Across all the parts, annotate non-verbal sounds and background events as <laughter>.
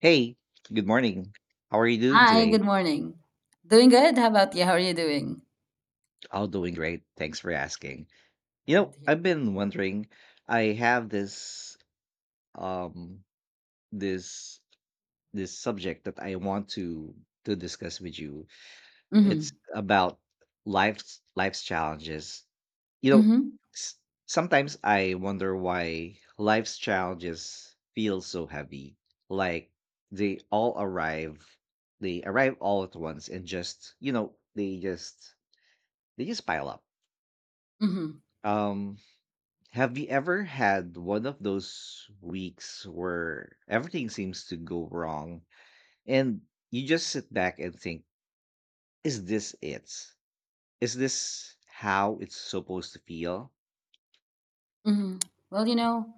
Hey, good morning. How are you doing Hi, today? good morning. Doing good. How about you? How are you doing? All doing great. Thanks for asking. You Good know, to hear. I've been wondering, I have um this this subject that I want to discuss with you. It's Mm-hmm. about life's challenges. You know, Mm-hmm. s- sometimes I wonder why life's challenges feel so heavy. Like they all arrive, they arrive all at once and just, they just pile up. Mm-hmm. Um, have you ever had one of those weeks where everything seems to go wrong and you just sit back and think, is this it? Is this how it's supposed to feel? Mm-hmm. Well, you know,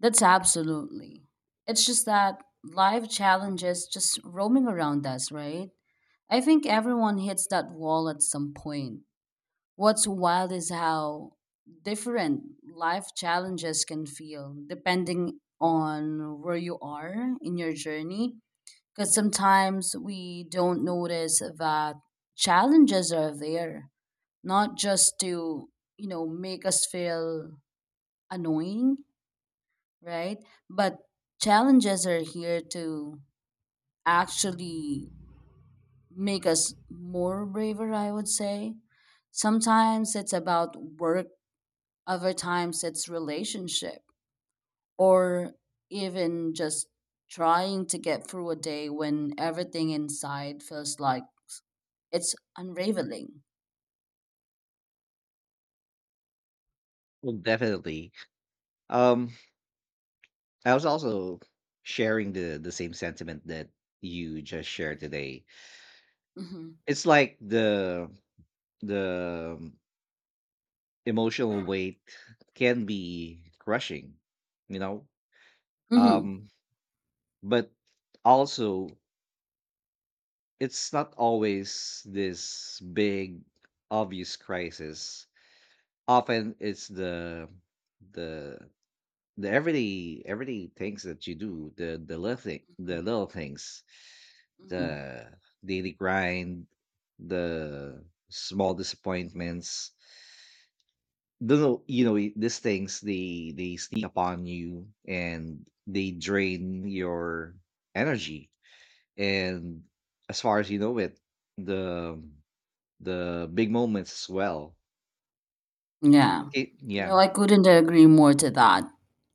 that's absolutely. It's just that life challenges just roaming around us, right? I think everyone hits that wall at some point. What's wild is how different life challenges can feel depending on where you are in your journey, because sometimes we don't notice that challenges are there not just to, you know, make us feel annoying, right, but challenges are here to actually make us more braver, I would say. Sometimes it's about work, other times it's relationship, or even just trying to get through a day when everything inside feels like it's unraveling. Well, definitely. Um, I was also sharing the same sentiment that you just shared today. Hmm. It's like the emotional weight can be crushing, you know? Hmm. Um, but also it's not always this big obvious crisis. Often it's the the everyday things that you do, the the little things, Hmm. the daily grind, the small disappointments. Don't know These things, they sneak upon you and they drain your energy. And as far as you know it, the the big moments as well. Yeah. It, yeah, No, I couldn't agree more to that.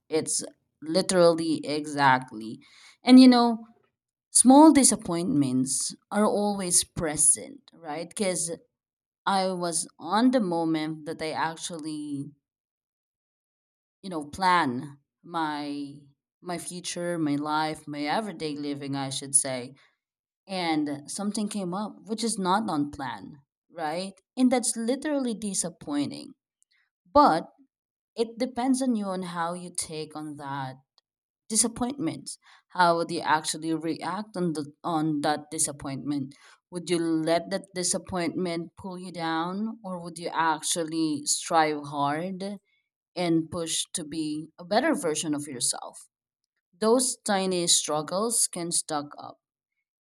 It's literally exactly. And you know, small disappointments are always present, right? Because I was on the moment that I actually, you know, plan my my future, my life, my everyday living, I should say, and something came up which is not on plan, right? And that's literally disappointing. But it depends on you on how you take on that disappointment. How would you actually react on the on that disappointment? Would you let that disappointment pull you down, or would you actually strive hard and push to be a better version of yourself? Those tiny struggles can stack up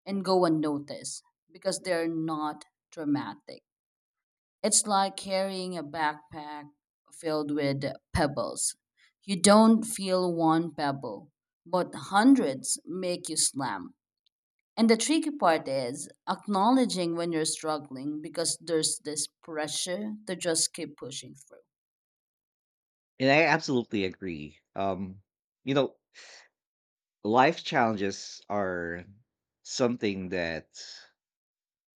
and go unnoticed because they're not dramatic. It's like carrying a backpack filled with pebbles. You don't feel one pebble, but hundreds make you slam. And the tricky part is acknowledging when you're struggling, because there's this pressure to just keep pushing and I absolutely agree. You know, life challenges are something that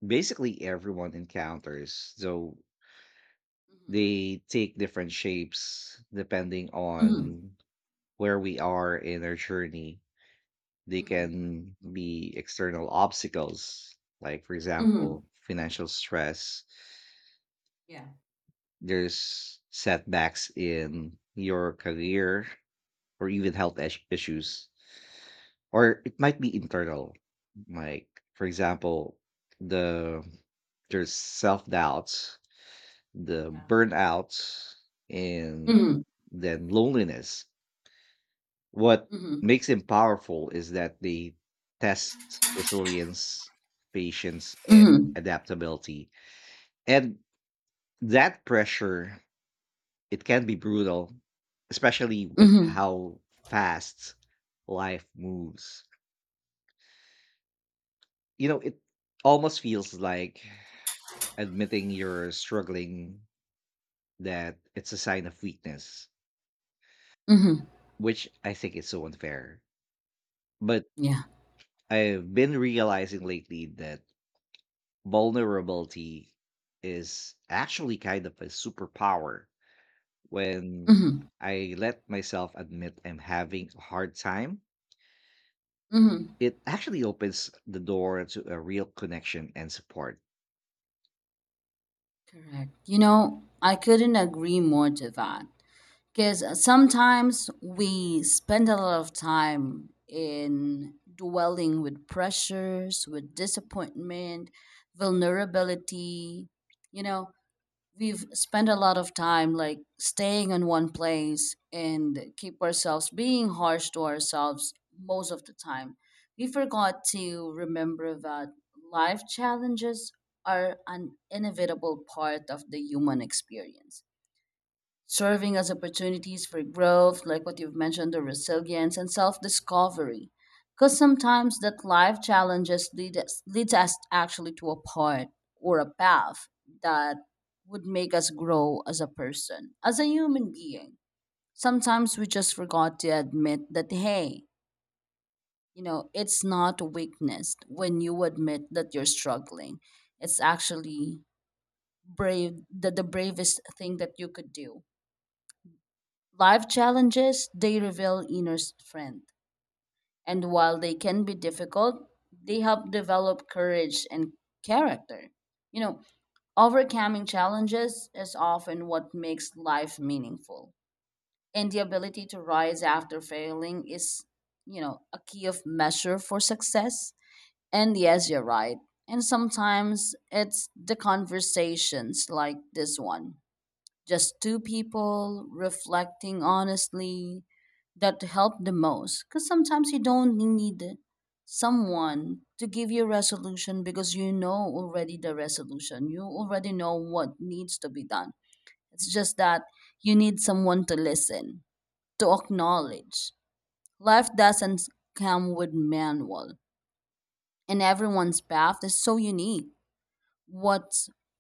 basically everyone encounters. So through. they take different shapes depending Mm-hmm. Mm-hmm. on where we are in our journey. They Mm-hmm. can be external obstacles, like, for Mm-hmm. example, financial stress, Yeah. there's setbacks in your career, or even issues. Or it might be internal, like, for example, the there's self-doubts, the Yeah. burnouts, and Mm-hmm. then loneliness. What Mm-hmm. makes them powerful is that they test resilience, patience, and Mm-hmm. adaptability. And that pressure, it can be brutal, especially with Mm-hmm. how fast life moves. You know, it almost feels like admitting you're struggling, that it's a sign of weakness, Mm-hmm. which I think is so unfair. But Yeah. I've been realizing lately that vulnerability is actually kind of a superpower. When Mm-hmm. I let myself admit I'm having a hard time, Mm-hmm. it actually opens the door to a real connection and support. Correct. You know, I couldn't agree more to that, because sometimes we spend a lot of time in dwelling with pressures, with disappointment, vulnerability, you know, we've spent a lot of time like staying in one place and keep ourselves being harsh to ourselves most of the time. We forgot to remember that life challenges are an inevitable part of the human experience, serving as opportunities for growth, like what you've mentioned, the resilience and self discovery. Because sometimes that life challenges leads us actually to a point or a path that would make us grow as a person, as a human being. Sometimes we just forgot to admit that, hey, you know, it's not a weakness when you admit that you're struggling. It's actually brave, the bravest thing that you could do. Life challenges, they reveal inner strength. And while they can be difficult, they help develop courage and character. You know, overcoming challenges is often what makes life meaningful. And the ability to rise after failing is, you know, a key of measure for success. And yes, you're right. And sometimes it's the conversations like this one, just two people reflecting honestly, that helped the most, because sometimes you don't need someone to give you a resolution, because you know already the resolution, you already know what needs to be done. It's just that you need someone to listen, to acknowledge. Life doesn't come with manual, and everyone's path is so unique. What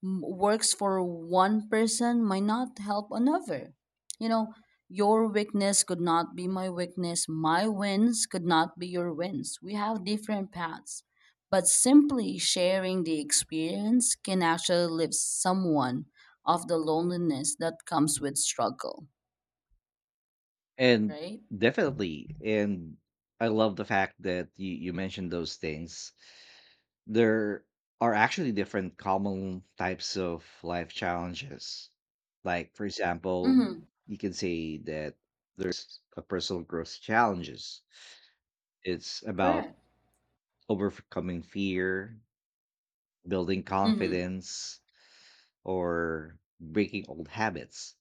works for one person might not help another. You know, your weakness could not be my weakness. My wins could not be your wins. We have different paths. But simply sharing the experience can actually lift someone of the loneliness that comes with struggle, And right? definitely, and I love the fact that you mentioned those things. There are actually different common types of life challenges. Like, for example, Mm-hmm. you can say that there's a personal growth challenges. It's about Correct. overcoming fear, building Mm-hmm. confidence, or breaking old habits.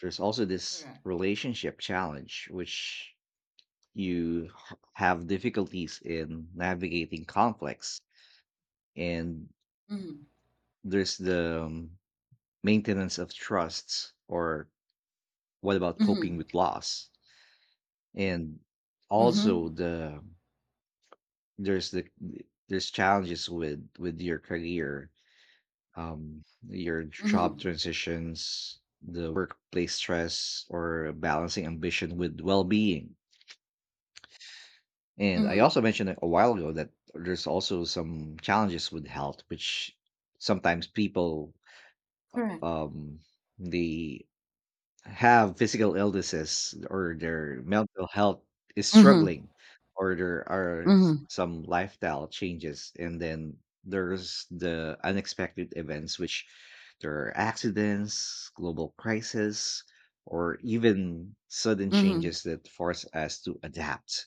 There's also this Correct. relationship challenge, which have difficulties in navigating conflicts, and Mm-hmm. there's the maintenance of trusts, or what about Mm-hmm. coping with loss? And Mm-hmm. also there's the there's challenges with your career, um your job Mm-hmm. transitions, the workplace stress, or balancing ambition with well-being. And I Mm-hmm. also mentioned a while ago that there's also some challenges with health, which sometimes people Correct. um, they have physical illnesses, or their mental health is Mm-hmm. struggling, or there are Mm-hmm. some lifestyle changes. And then there's the unexpected events, which there are accidents, global crisis, or even sudden Mm-hmm. changes that force us to adapt.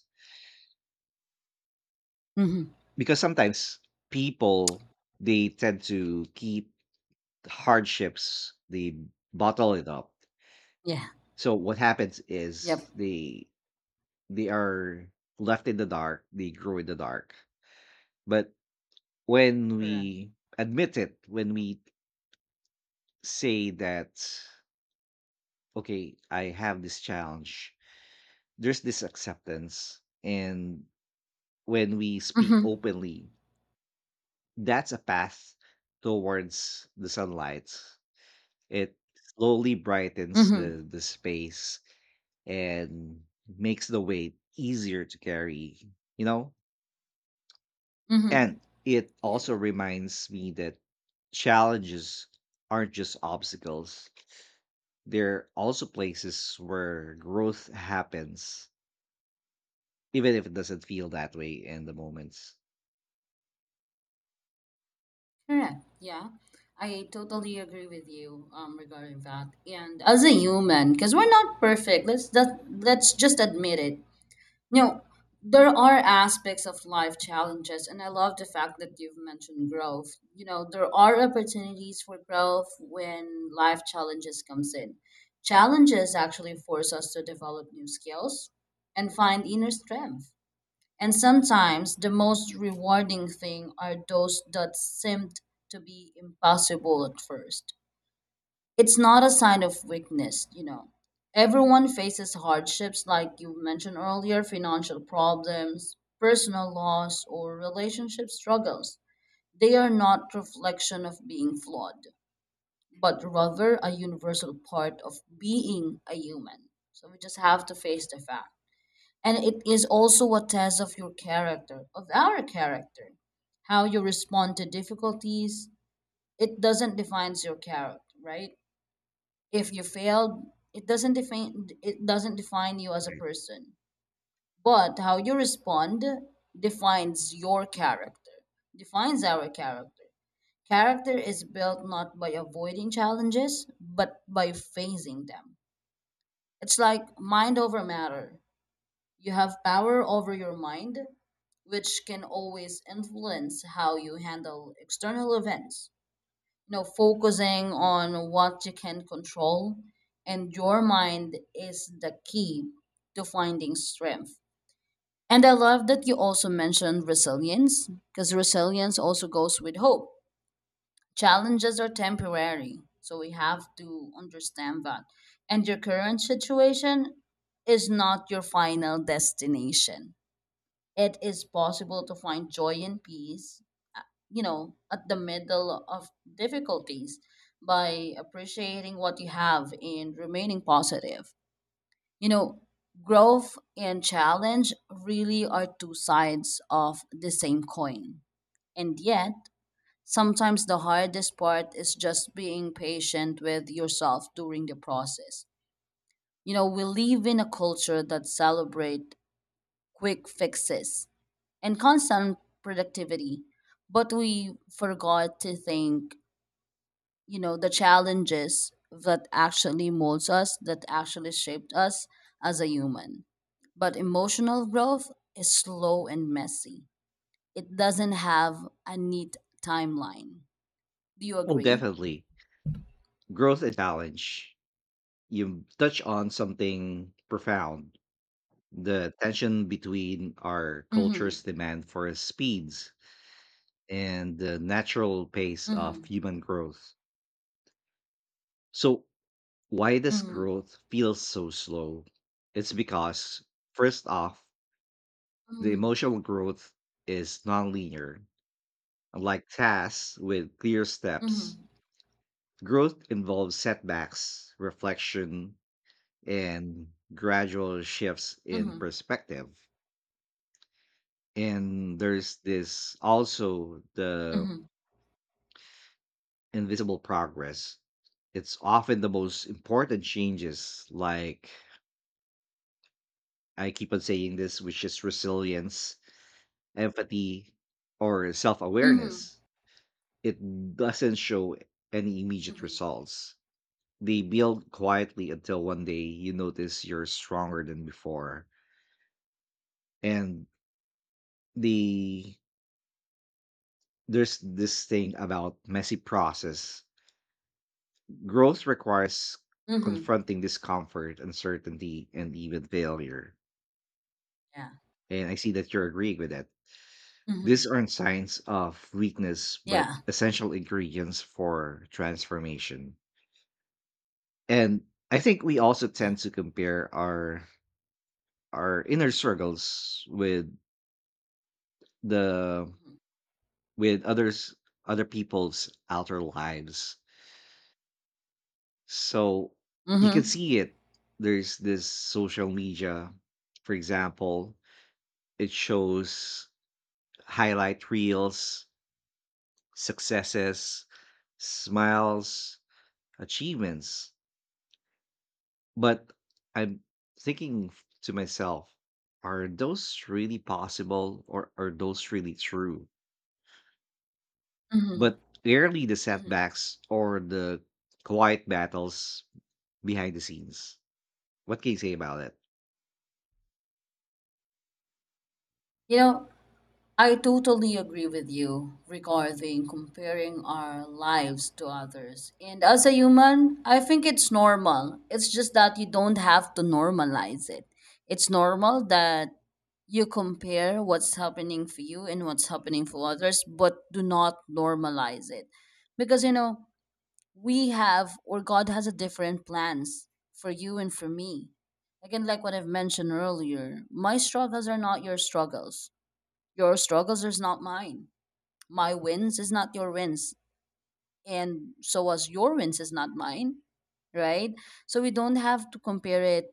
Mm-hmm. Because sometimes people, they tend to keep hardships, they bottle it up. Yeah. So what happens is Yep, they are left in the dark, they grow in the dark. But when correct. we admit it, when we say that, okay, I have this challenge, there's this acceptance. And when we speak Mm-hmm. openly, that's a path towards the sunlight. It slowly brightens Mm-hmm. the space and makes the weight easier to carry, you know? Mm-hmm. And it Yeah, also yeah. reminds me that challenges aren't just obstacles. They're also places where growth happens, even if it doesn't feel that way in the moments. Correct. Yeah. I totally agree with you regarding that. And as a human, because we're not perfect, let's just admit it. You know, there are aspects of life challenges, and I love the fact that you've mentioned growth. You know, there are opportunities for growth when life challenges comes in. Challenges actually force us to develop new skills and find inner strength. And sometimes the most rewarding thing are those that seemed to be impossible at first. It's not a sign of weakness, you know. Everyone faces hardships like you mentioned earlier, financial problems, personal loss, or relationship struggles. They are not reflection of being flawed, but rather a universal part of being a human. So we just have to face the fact. And it is also a test of your character, of our character, how you respond to difficulties. It doesn't define your character, right? If you failed, it doesn't define you as a Right. person. But how you respond defines your character, defines our character. Character is built not by avoiding challenges, but by facing them. It's like mind over matter. You have power over your mind, which can always influence how you handle external events. You know, focusing on what you can control, and your mind is the key to finding strength. And I love that you also mentioned resilience, because resilience also goes with hope. Challenges are temporary, so we have to understand that. And your current situation is not your final destination. It is possible to find joy and peace, you know, at the middle of difficulties by appreciating what you have and remaining positive. You know, growth and challenge really are two sides of the same coin. And yet, sometimes the hardest part is just being patient with yourself during the process. You know, we live in a culture that celebrate quick fixes and constant productivity. But we forgot to think, you know, the challenges that actually molds us, that actually shaped us as a human. But emotional growth is slow and messy. It doesn't have a neat timeline. Do you Oh, agree? definitely. Growth and challenge. You touch on something profound. The tension between our Mm-hmm. culture's demand for speeds and the natural pace of Mm-hmm. human growth. So, why does Mm-hmm. growth feel so slow? It's because, first off, the Mm-hmm. emotional growth is nonlinear. Unlike tasks with clear steps, Mm-hmm. growth involves setbacks, reflection, and gradual shifts in Mm-hmm. perspective. And there's this also the Mm-hmm. invisible progress. It's often the most important changes, like, I keep on saying this, which is resilience, empathy, or self Mm-hmm. awareness. It doesn't show any immediate Mm-hmm. results. They build quietly until one day you notice you're stronger than before. And the There's this thing about messy process. Growth requires Mm-hmm. confronting discomfort, uncertainty, and even failure, Yeah. and I see that you're agreeing with that. Mm-hmm. These aren't signs of weakness, Yeah. but essential ingredients for transformation. And I think we also Yeah. tend to compare our inner struggles with the Mm-hmm. with others other people's outer lives. So you can Mm-hmm. see it. There's this social media, for example, it shows highlight reels, successes, smiles, achievements. But I'm thinking to myself, are those really possible or are those really true? Mm-hmm. But rarely the setbacks or the quiet battles behind the scenes. What can you say about it? You know, I totally agree with you regarding comparing our lives to others. And as a human, I think it's normal. It's just that you don't have to normalize it. It's normal that you compare what's happening for you and what's happening for others, but do not normalize it. Because, you know, we have, or God has a different plans for you and for me. Again, like what I've mentioned earlier, my struggles are not your struggles, your struggles is not mine, my wins is not your wins, and so as your wins is not mine, right? So we don't have to compare it.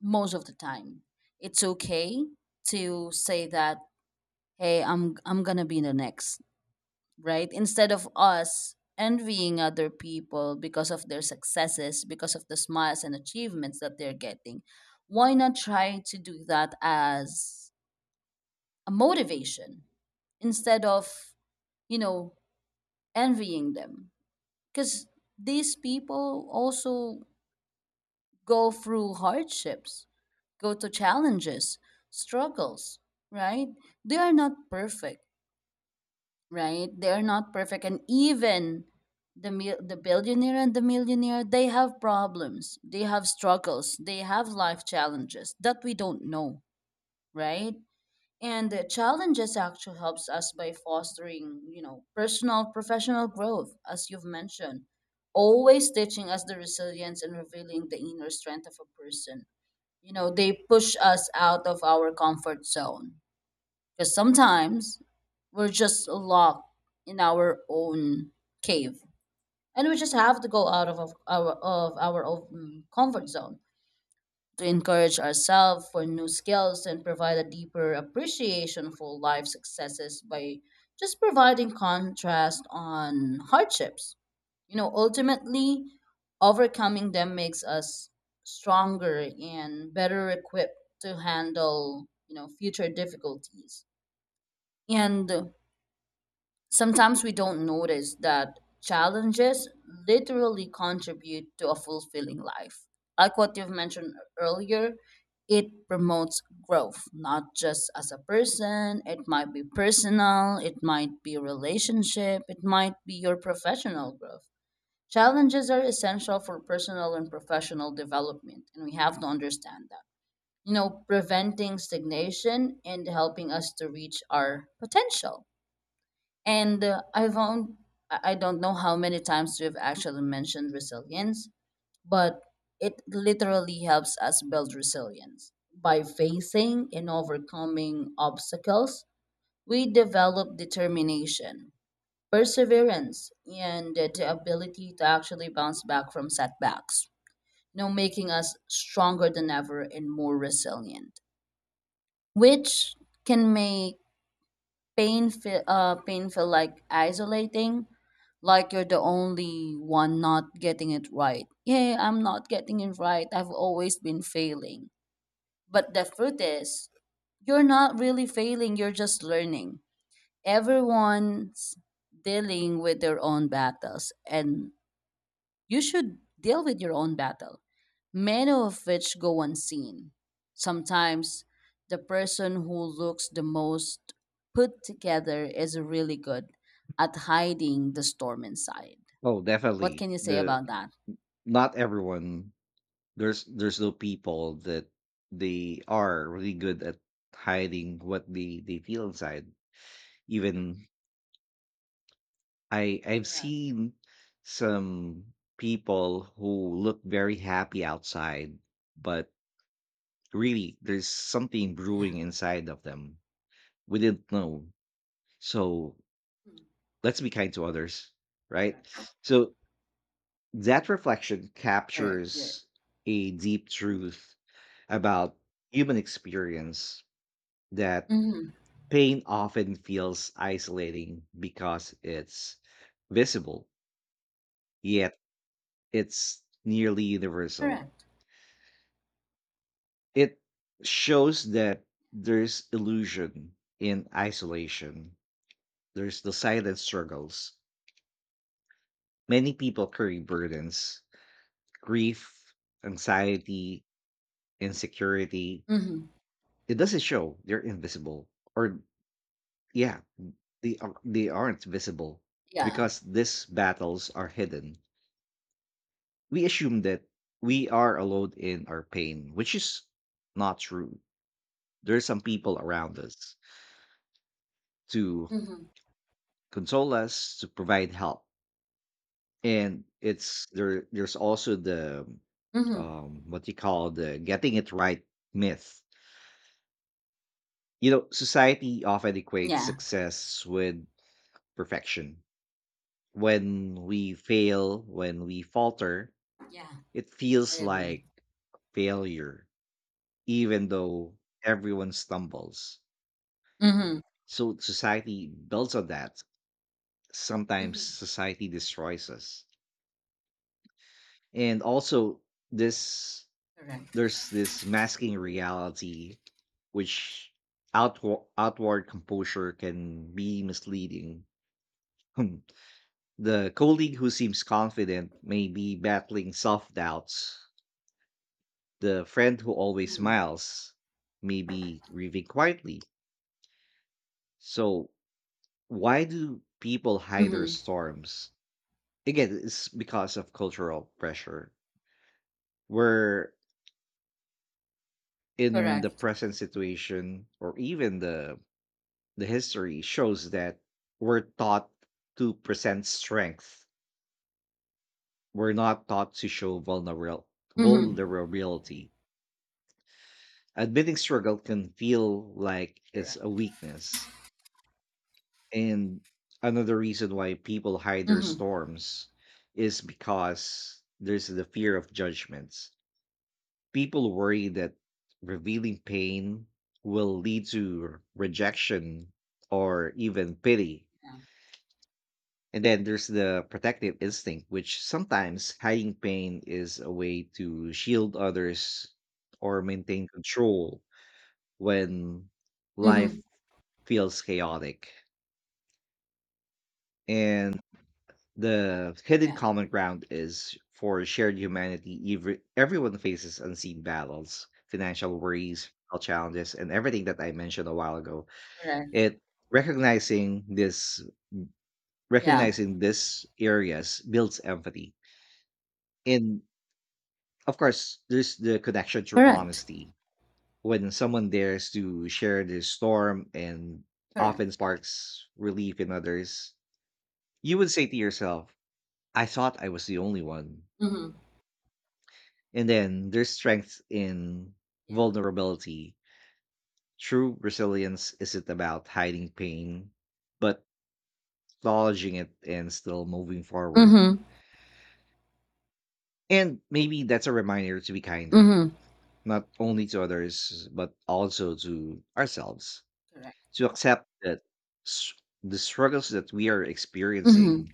Most of the time it's okay to say that, hey, I'm gonna be the next, right? Instead of us envying other people because of their successes, because of the smiles and achievements that they're getting, why not try to do that as a motivation instead of, you know, envying them? Because these people also go through hardships, go to challenges, struggles, right? They are not perfect, right? They're not perfect, and even the billionaire and the millionaire, they have problems, they have struggles, they have life challenges that we don't know, right? And the challenges actually helps us by fostering, you know, personal, professional growth, as you've mentioned, always teaching us the resilience and revealing the inner strength of a person. You know, they push us out of our comfort zone, because sometimes we're just locked in our own cave, and we just have to go out of our own comfort zone to encourage ourselves for new skills and provide a deeper appreciation for life successes by just providing contrast on hardships. You know, ultimately, overcoming them makes us stronger and better equipped to handle, you know, future difficulties. And sometimes we don't notice that challenges literally contribute to a fulfilling life. Like what you've mentioned earlier, it promotes growth, not just as a person, it might be personal, it might be relationship, it might be your professional growth. Challenges are essential for personal and professional development, and we have to understand that. You know, preventing stagnation and helping us to reach our potential. And I found I don't know how many times we've actually mentioned resilience, but it literally helps us build resilience. By facing and overcoming obstacles, we develop determination, perseverance, and the ability to actually bounce back from setbacks, you know, making us stronger than ever and more resilient, which can make pain feel like isolating, like you're the only one not getting it right. Yeah, I'm not getting it right, I've always been failing. But the truth is, you're not really failing, you're just learning. Everyone's dealing with their own battles, and you should deal with your own battle, many of which go unseen. Sometimes the person who looks the most put together is really good at hiding the storm inside. Oh, What definitely. can you say The about that? Not everyone. There's no people that they are really good at hiding what they feel inside. Even I've Correct. seen some people who look very happy outside, but really there's something Yeah. brewing inside of them. We didn't know. So Mm, let's be kind to others, right? correct. So that reflection Correct. There. captures a deep truth about human experience, that Mm-hmm. pain often feels isolating because it's visible, yet it's nearly universal. Correct. It shows that there's illusion in isolation, there's the silent struggles. Many people carry burdens, grief, anxiety, insecurity. Mm-hmm. It doesn't show they're invisible, or yeah, they, are, they aren't visible Yeah. because these battles are hidden. We assume that we are alone in our pain, which is not true. There are some people around us to Mm-hmm. console us, to provide help. And it's there there's also the Mm-hmm. What you call the getting it right myth. You know, society often equates Yeah. success with perfection. When we fail, when we falter, Yeah. it I feels agree. like failure, even though everyone stumbles. Mm-hmm. So society builds on that. Sometimes Mm-hmm. society destroys us. And also this. Correct. There's this masking reality, which outward composure can be misleading. Hmm. The colleague who seems confident may be battling self doubts. The friend who always Mm-hmm. smiles may be grieving quietly. So, why do people hide their Mm-hmm. storms? Again, it's because of cultural pressure. We're in the Correct. present situation, or even the history shows that we're taught to present strength. We're not taught to show vulnerable Mm-hmm. vulnerability. Admitting struggle can feel like it's Correct. a weakness. And another reason why people hide their Mm-hmm. storms is because there's the fear of judgments. People worry that revealing pain will lead to rejection or even pity. Yeah. And then there's the protective instinct, which sometimes hiding pain is a way to shield others or maintain control when Mm-hmm. life feels chaotic. And the hidden Yeah, common ground is for shared humanity. Everyone faces unseen battles, financial worries, health challenges, and everything that I mentioned a while ago. correct. It recognizing this Yeah, recognizing this areas builds empathy. In Of course, there's the connection through correct. honesty. When someone dares to share their storm, and Correct. often sparks relief in others, you would say to yourself, I thought I was the only one. Mm-hmm. And then there's strength in Yeah. vulnerability. True resilience isn't about hiding pain, but acknowledging it and still moving forward. Mm-hmm. And maybe that's a reminder to be kinder, Mm-hmm. not only to others, but also to ourselves. Correct. To accept that s- the struggles that we are experiencing, Mm-hmm.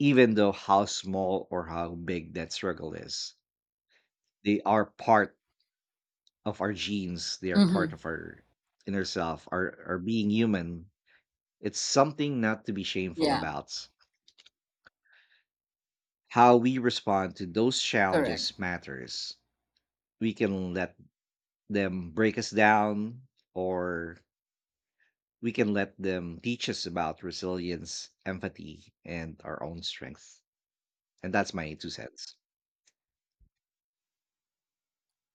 even though how small or how big that struggle is, they are part of our genes, they are part Mm-hmm. of our inner self, our being human. It's something not to be shameful Yeah, about. How we respond to those correct. challenges matters. We can let them break us down, or we can let them teach us about resilience, empathy, and our own strength. And that's my two cents.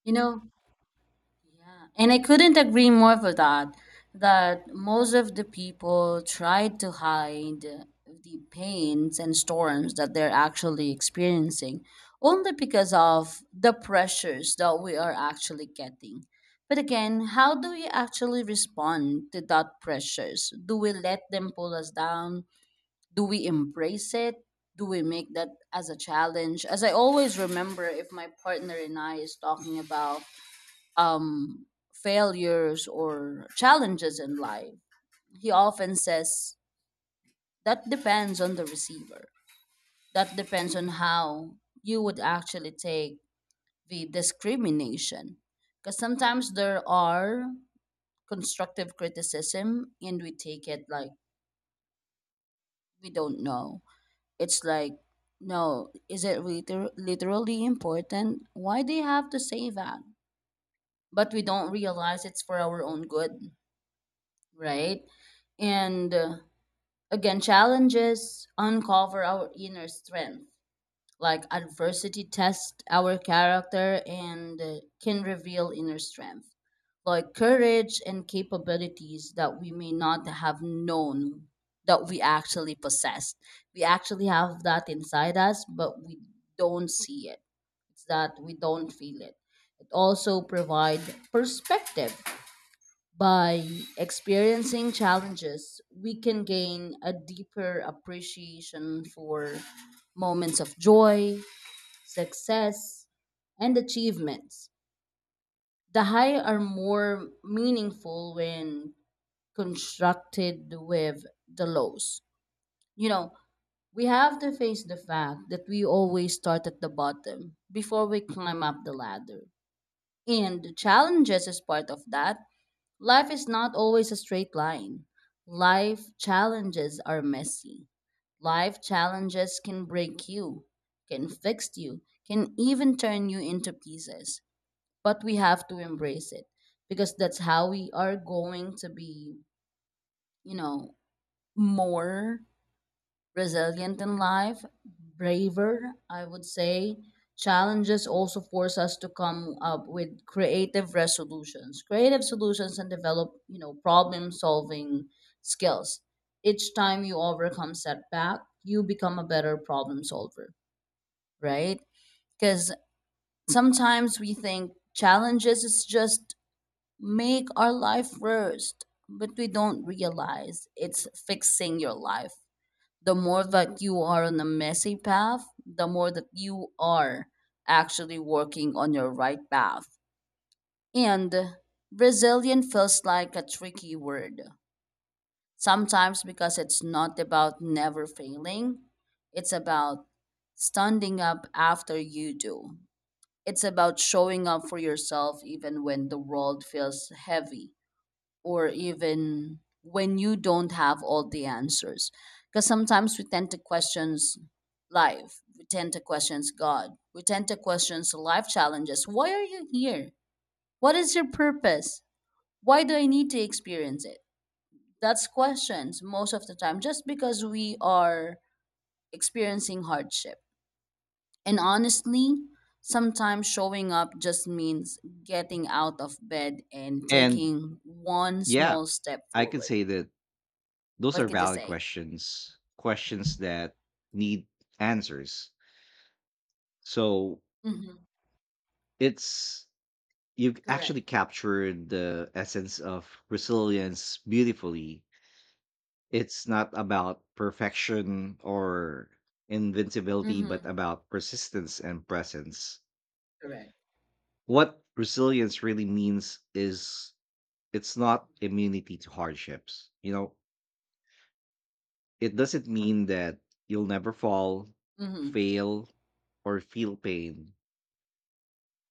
You know, yeah. And I couldn't agree more with that, that most of the people try to hide the pains and storms that they're actually experiencing only because of the pressures that we are actually getting. But again, how do we actually respond to that pressures? Do we let them pull us down? Do we embrace it? Do we make that as a challenge? As I always remember, if my partner and I is talking about um failures or challenges in life, he often says that depends on the receiver, that depends on how you would actually take the discrimination, because sometimes there are constructive criticism and we take it like we don't know, it's like no, is it literally important, why do you have to say that? But we don't realize it's for our own good, right? And again, challenges uncover our inner strength, like adversity tests our character and can reveal inner strength, like courage and capabilities that we may not have known that we actually possess. We actually have that inside us, but we don't see it. It's that we don't feel it. It also provide perspective. By experiencing challenges, we can gain a deeper appreciation for moments of joy, success, and achievements. The high are more meaningful when constructed with the lows. You know, we have to face the fact that we always start at the bottom before we climb up the ladder. And the challenges is part of that. Life is not always a straight line. Life challenges are messy. Life challenges can break you, can fix you, can even turn you into pieces. But we have to embrace it because that's how we are going to be, you know, more resilient in life, braver, I would say. Challenges also force us to come up with creative resolutions, creative solutions, and develop, you know, problem solving skills. Each time you overcome setback, you become a better problem solver, right? Because sometimes we think challenges is just make our life worst, but we don't realize it's fixing your life. The more that you are on a messy path, the more that you are actually working on your right path. And resilient feels like a tricky word. Sometimes because it's not about never failing, it's about standing up after you do. It's about showing up for yourself even when the world feels heavy or even when you don't have all the answers, because sometimes we tend to questions life, we tend to questions god, we tend to questions life challenges. Why are you here? What is your purpose? Why do I need to experience it? That's questions most of the time just because we are experiencing hardship. And honestly, sometimes showing up just means getting out of bed and And taking one yeah, small step I could forward. say that those are What could you valid say? questions, questions that need answers. So Mhm. it's You've actually Correct. captured the essence of resilience beautifully. It's not about perfection or invincibility, but Mhm. about persistence and presence. Correct. What resilience really means is it's not Mhm. immunity to hardships. You know, it doesn't mean that you'll never fall, Mhm. fail, or feel pain.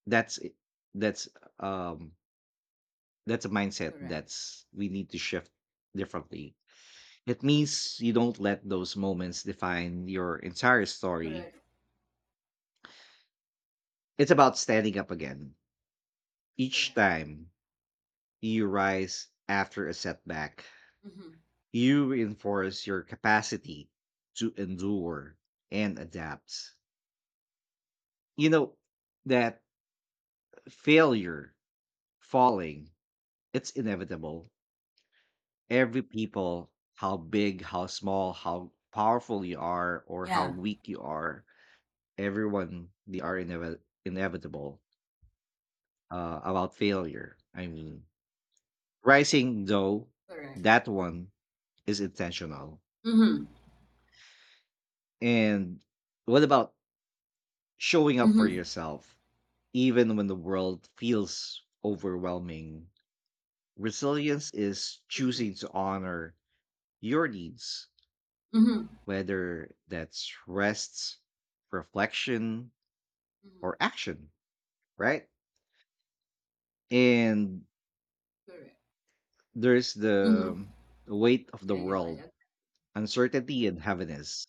That's it- that's um that's a mindset Correct. that's we need to shift differently. It means you don't let those moments define your entire story. Correct. It's about standing up again. Each Correct. time you rise after a setback, Mhm. you reinforce your capacity to endure and adapt. You know, that failure, falling, it's inevitable. Every people, how big, how small, how powerful you are, or how Yeah. weak you are, everyone, they are inevitable about failure. I mean, rising, though, Correct. that one is intentional. Mhm. And what about showing up for Mhm. yourself, even when the world feels overwhelming? Resilience is Mhm. choosing to honor your needs, Mhm. whether that's rest, reflection, or Mhm. action, right? And Correct. there's Mhm. the weight of the Yeah. Yeah. I world, ag- uncertainty, and heaviness.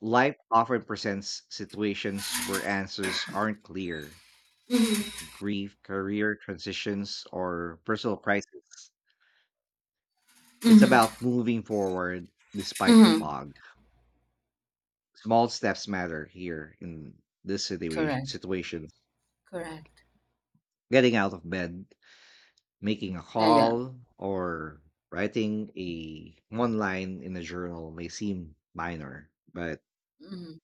Life often presents situations where answers aren't clear, Mhm. grief, career transitions, or personal crisis. It's Mhm. about moving forward despite the Mhm. fog. Small steps matter here in this situation. Correct. Situation. Correct. Getting out of bed, making a Yeah. Yeah. call, or writing a one line in a journal may seem minor, but Mhm.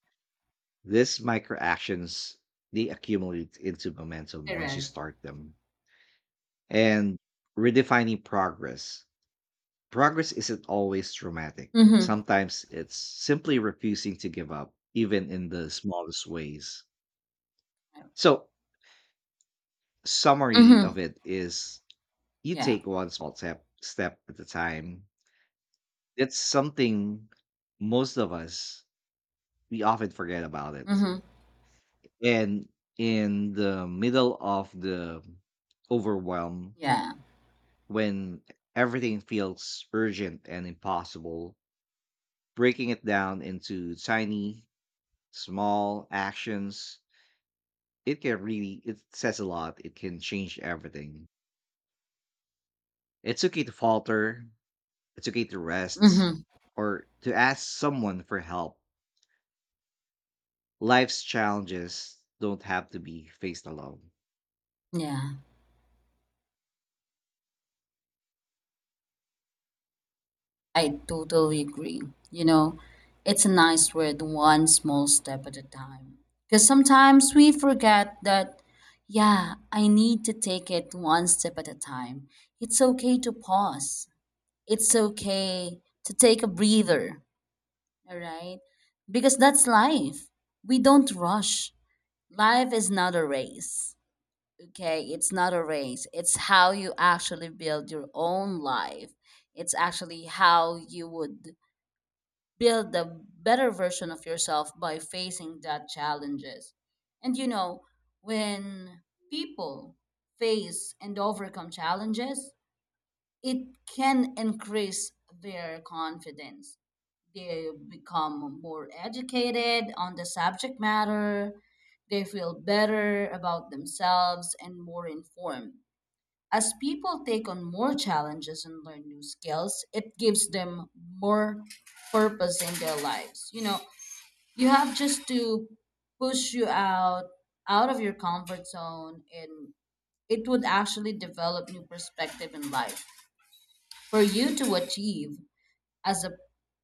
these micro actions they accumulate into momentum once you Correct. start them. And redefining progress. Isn't always dramatic. Mhm. Sometimes it's simply refusing to give up, even in the smallest ways. So, summary Mhm. of it is you Yeah. take one small step at a time. It's something most of us we often forget about it. Mhm. And in the middle of the overwhelm, Yeah. when everything feels urgent and impossible, breaking it down into tiny Small actions, it can really it says a lot. It can change everything. It's okay to falter, it's okay to rest Mhm. or to ask someone for help. Life's challenges don't have to be faced alone. Yeah, I totally agree. You know, it's a nice word, one small step at a time. Because sometimes we forget that, yeah, I need to take it one step at a time. It's okay to pause, it's okay to take a breather, all right? Because that's life. We don't rush. Life is not a race, okay? It's not a race. It's how you actually build your own life, it's actually how you would build a better version of yourself by facing that challenges. And you know, when people face and overcome challenges, it can increase their confidence. They become more educated on the subject matter, they feel better about themselves and more informed. As people take on more challenges and learn new skills, it gives them more purpose in their lives. You know, you have just to push you out of your comfort zone, and it would actually develop new perspective in life for you to achieve, as a,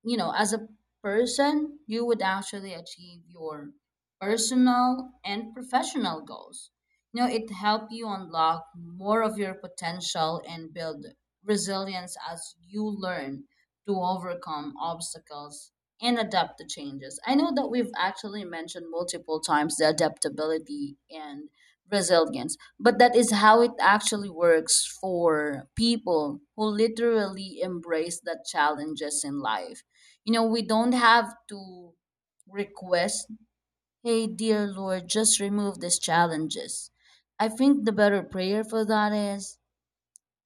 you know, as a person, you would actually achieve your personal and professional goals. You know, it help you unlock more of your potential and build resilience as you learn to overcome obstacles and adapt to changes. I know that we've actually mentioned multiple times the adaptability and resilience. But that is how it actually works for people who literally embrace the challenges in life. You know, we don't have to request, hey, dear Lord, just remove these challenges. I think the better prayer for that is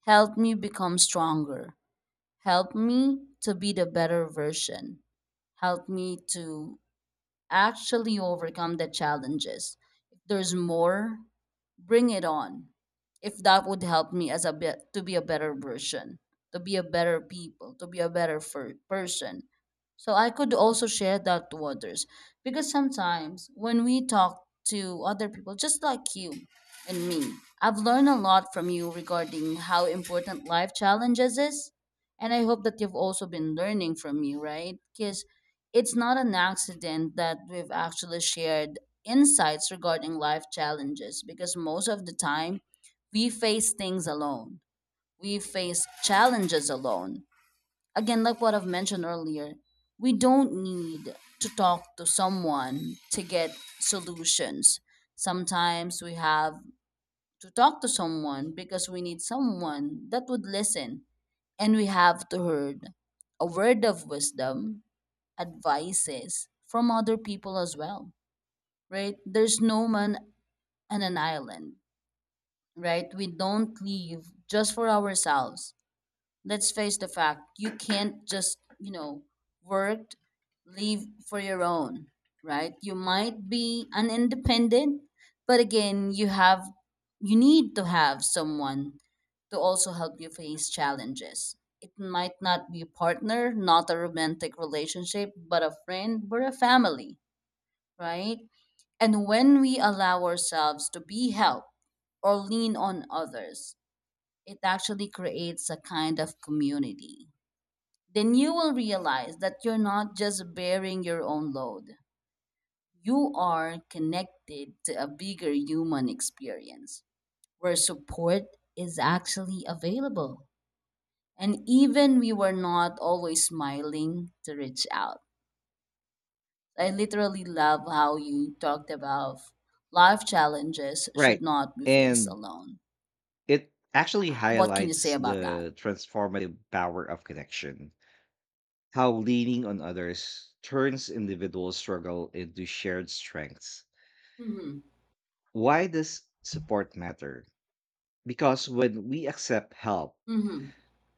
help me become stronger, help me to be the better version, help me to actually overcome the challenges. If there's more, bring it on. If that would help me as a bit to be a better version, to be a better people, to be a person. So I could also share that to others, because sometimes when we talk to other people, just like you and me, I've learned a lot from you regarding how important life challenges is. And I hope that you've also been learning from me, right? Because it's not an accident that we've actually shared insights regarding life challenges, because most of the time we face things alone. We face challenges alone. Again, like what I've mentioned earlier, we don't need to talk to someone to get solutions. Sometimes we have to talk to someone because we need someone that would listen. And we have to heard a word of wisdom, advices from other people as well, right? There's no man on an island, right? We don't live just for ourselves. Let's face the fact, you can't just, you know, work, leave for your own, right? You might be an independent, but again, you have, you need to have someone to also help you face challenges. It might not be a partner, not a romantic relationship, but a friend or a family, right? And when we allow ourselves to be helped or lean on others, it actually creates a kind of community. Then you will realize that you're not just bearing your own load, you are connected to a bigger human experience where support is actually available. And even we were not always smiling to reach out. I literally love how you talked about life challenges should Right. not be faced And alone. it actually What can you say highlights about that? the transformative power of connection, how leaning on others turns individual struggle into shared strengths. Mm-hmm. Why does support matter? Because when we accept help, Mm-hmm.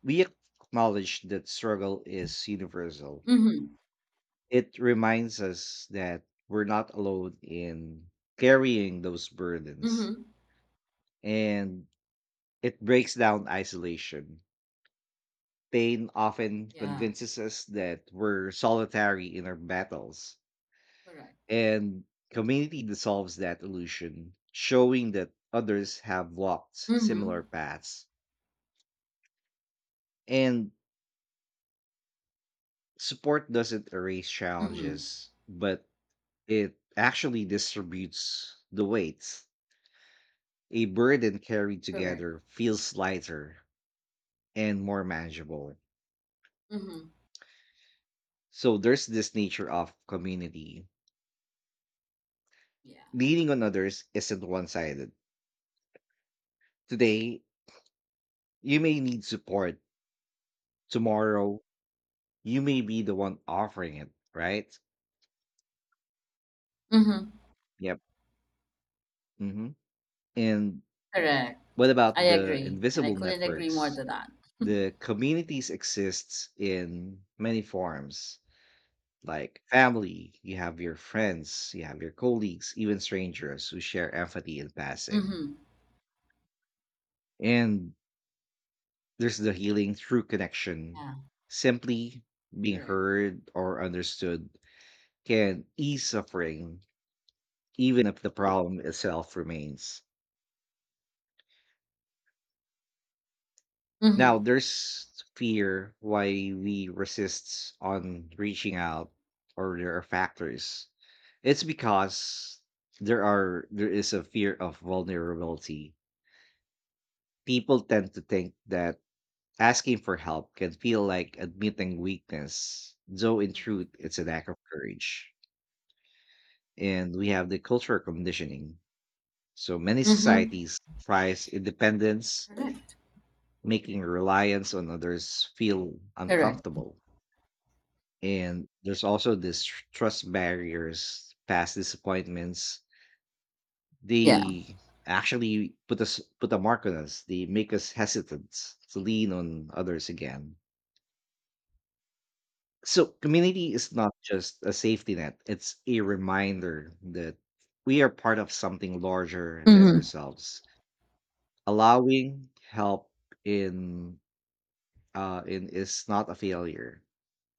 we acknowledge that struggle is universal. Mm-hmm. It reminds us that we're not alone in carrying those burdens, Mm-hmm. and it breaks down isolation. Pain often Yeah, convinces us that we're solitary in our battles, correct. and community dissolves that illusion, showing that others have walked Mhm. similar paths. And support doesn't erase Mhm. challenges, but it actually distributes the weight. A burden carried Correct. together feels lighter and more manageable. Mhm. So there's this nature of community. Yeah. Leaning on others isn't one sided. Today, you may need support. Tomorrow, you may be the one offering it, right? Mhm. Yep. hmm And Correct. what I about the agree, and I invisible couldn't agree more networks? to that. The communities exists in many forms, like family, you have your friends, you have your colleagues, even strangers who share empathy in passing. Mhm. And there's the healing through connection, Yeah. simply being Correct. heard or understood can ease suffering, even if the problem itself remains. Now Mhm. there's fear, why we resist on reaching Yeah. out, or there are factors. It's because there is a fear of vulnerability. People tend to think that asking for help can feel like admitting weakness, though in truth Mhm. it's an act of courage. And we have the cultural conditioning. So many Mhm. societies prize independence, Correct. making reliance on others feel Correct. uncomfortable. And there's also this trust barriers, past disappointments. Yeah. They actually put a mark on us. They make us hesitant to lean on others again. So community is not just a safety net. It's a reminder that we are part of something larger than Mhm. ourselves. Allowing help in in is not a failure.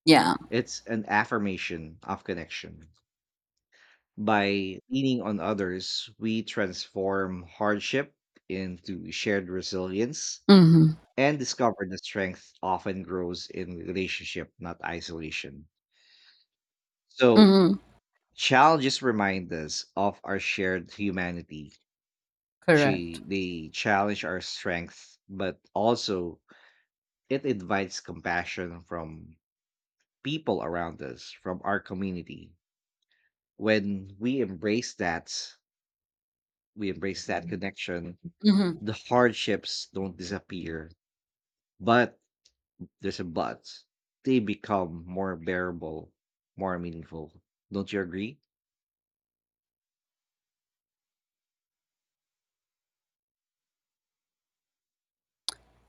Yeah. It's an affirmation of connection. By leaning on others, we transform hardship into shared resilience, Mhm. and discover that strength often grows in relationship, not isolation. So, Mhm. challenges remind us of our shared humanity. Correct. They challenge our strength, but also it invites compassion from people around us, from our community. When we embrace that connection. Mhm. The hardships don't disappear, but there's a but. They become more bearable, more meaningful. Don't you agree?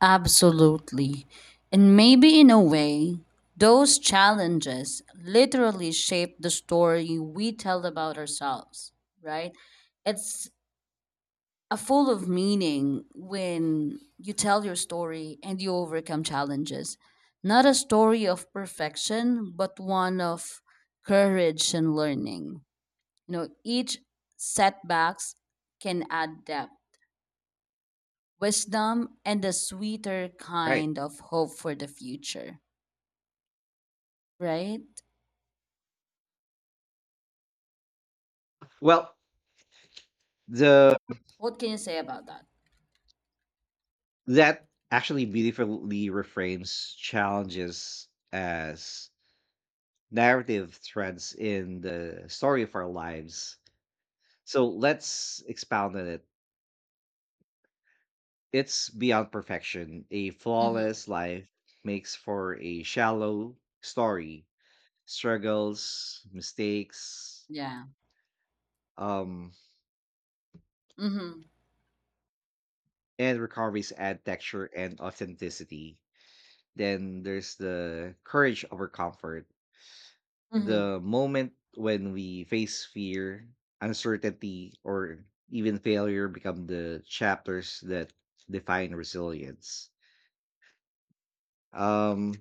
Absolutely. And maybe in a way, those challenges literally shape the story we tell about ourselves, right? It's are full of meaning when you tell your story and you overcome challenges. Not a story of perfection, but one of courage and learning. You know, each setbacks can add depth, wisdom, and a sweeter Right. kind of hope for the future. Right? Well, the What can you say about that? that actually beautifully reframes challenges as narrative threads in the story of our lives. So let's expound on it. It's beyond perfection. A Mm-hmm. flawless life makes for a shallow story. Struggles, mistakes, Yeah. um, Mm-hmm. and recoveries add texture and authenticity. Then there's the courage over comfort, Mm-hmm. the moment when we face fear, uncertainty, or even failure become the chapters that define resilience. Um,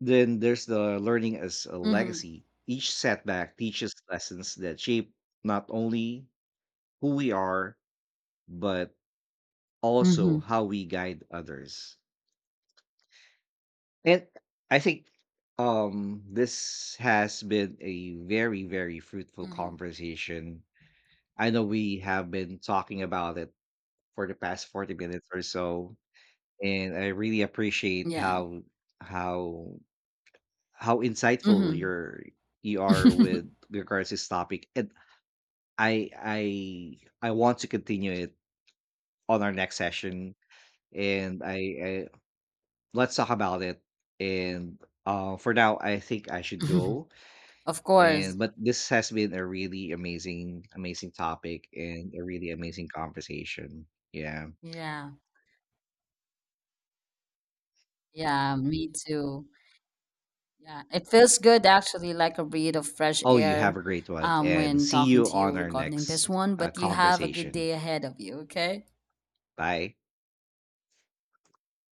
then there's the learning as a Mm-hmm. legacy. Each setback teaches lessons that shape not only who we are, but also Mm-hmm. how we guide others. And I think this has been a very fruitful Mm-hmm. conversation. I know we have been talking about it for the past 40 minutes or so, and I really appreciate Yeah. How how insightful you are Mm-hmm. with regards to this topic. And I I I want to continue it on our next session. And I Let's talk about it. And for now, I think I should go. <laughs> Of course. And But this has been a really amazing, amazing topic and a really amazing conversation. Yeah. Yeah, yeah, me too. Yeah, it feels good actually, like a breath of fresh Oh, you air, have a great one, and when see talking you to you on our regarding this next one, but you have a good conversation. day ahead of you, okay? Bye.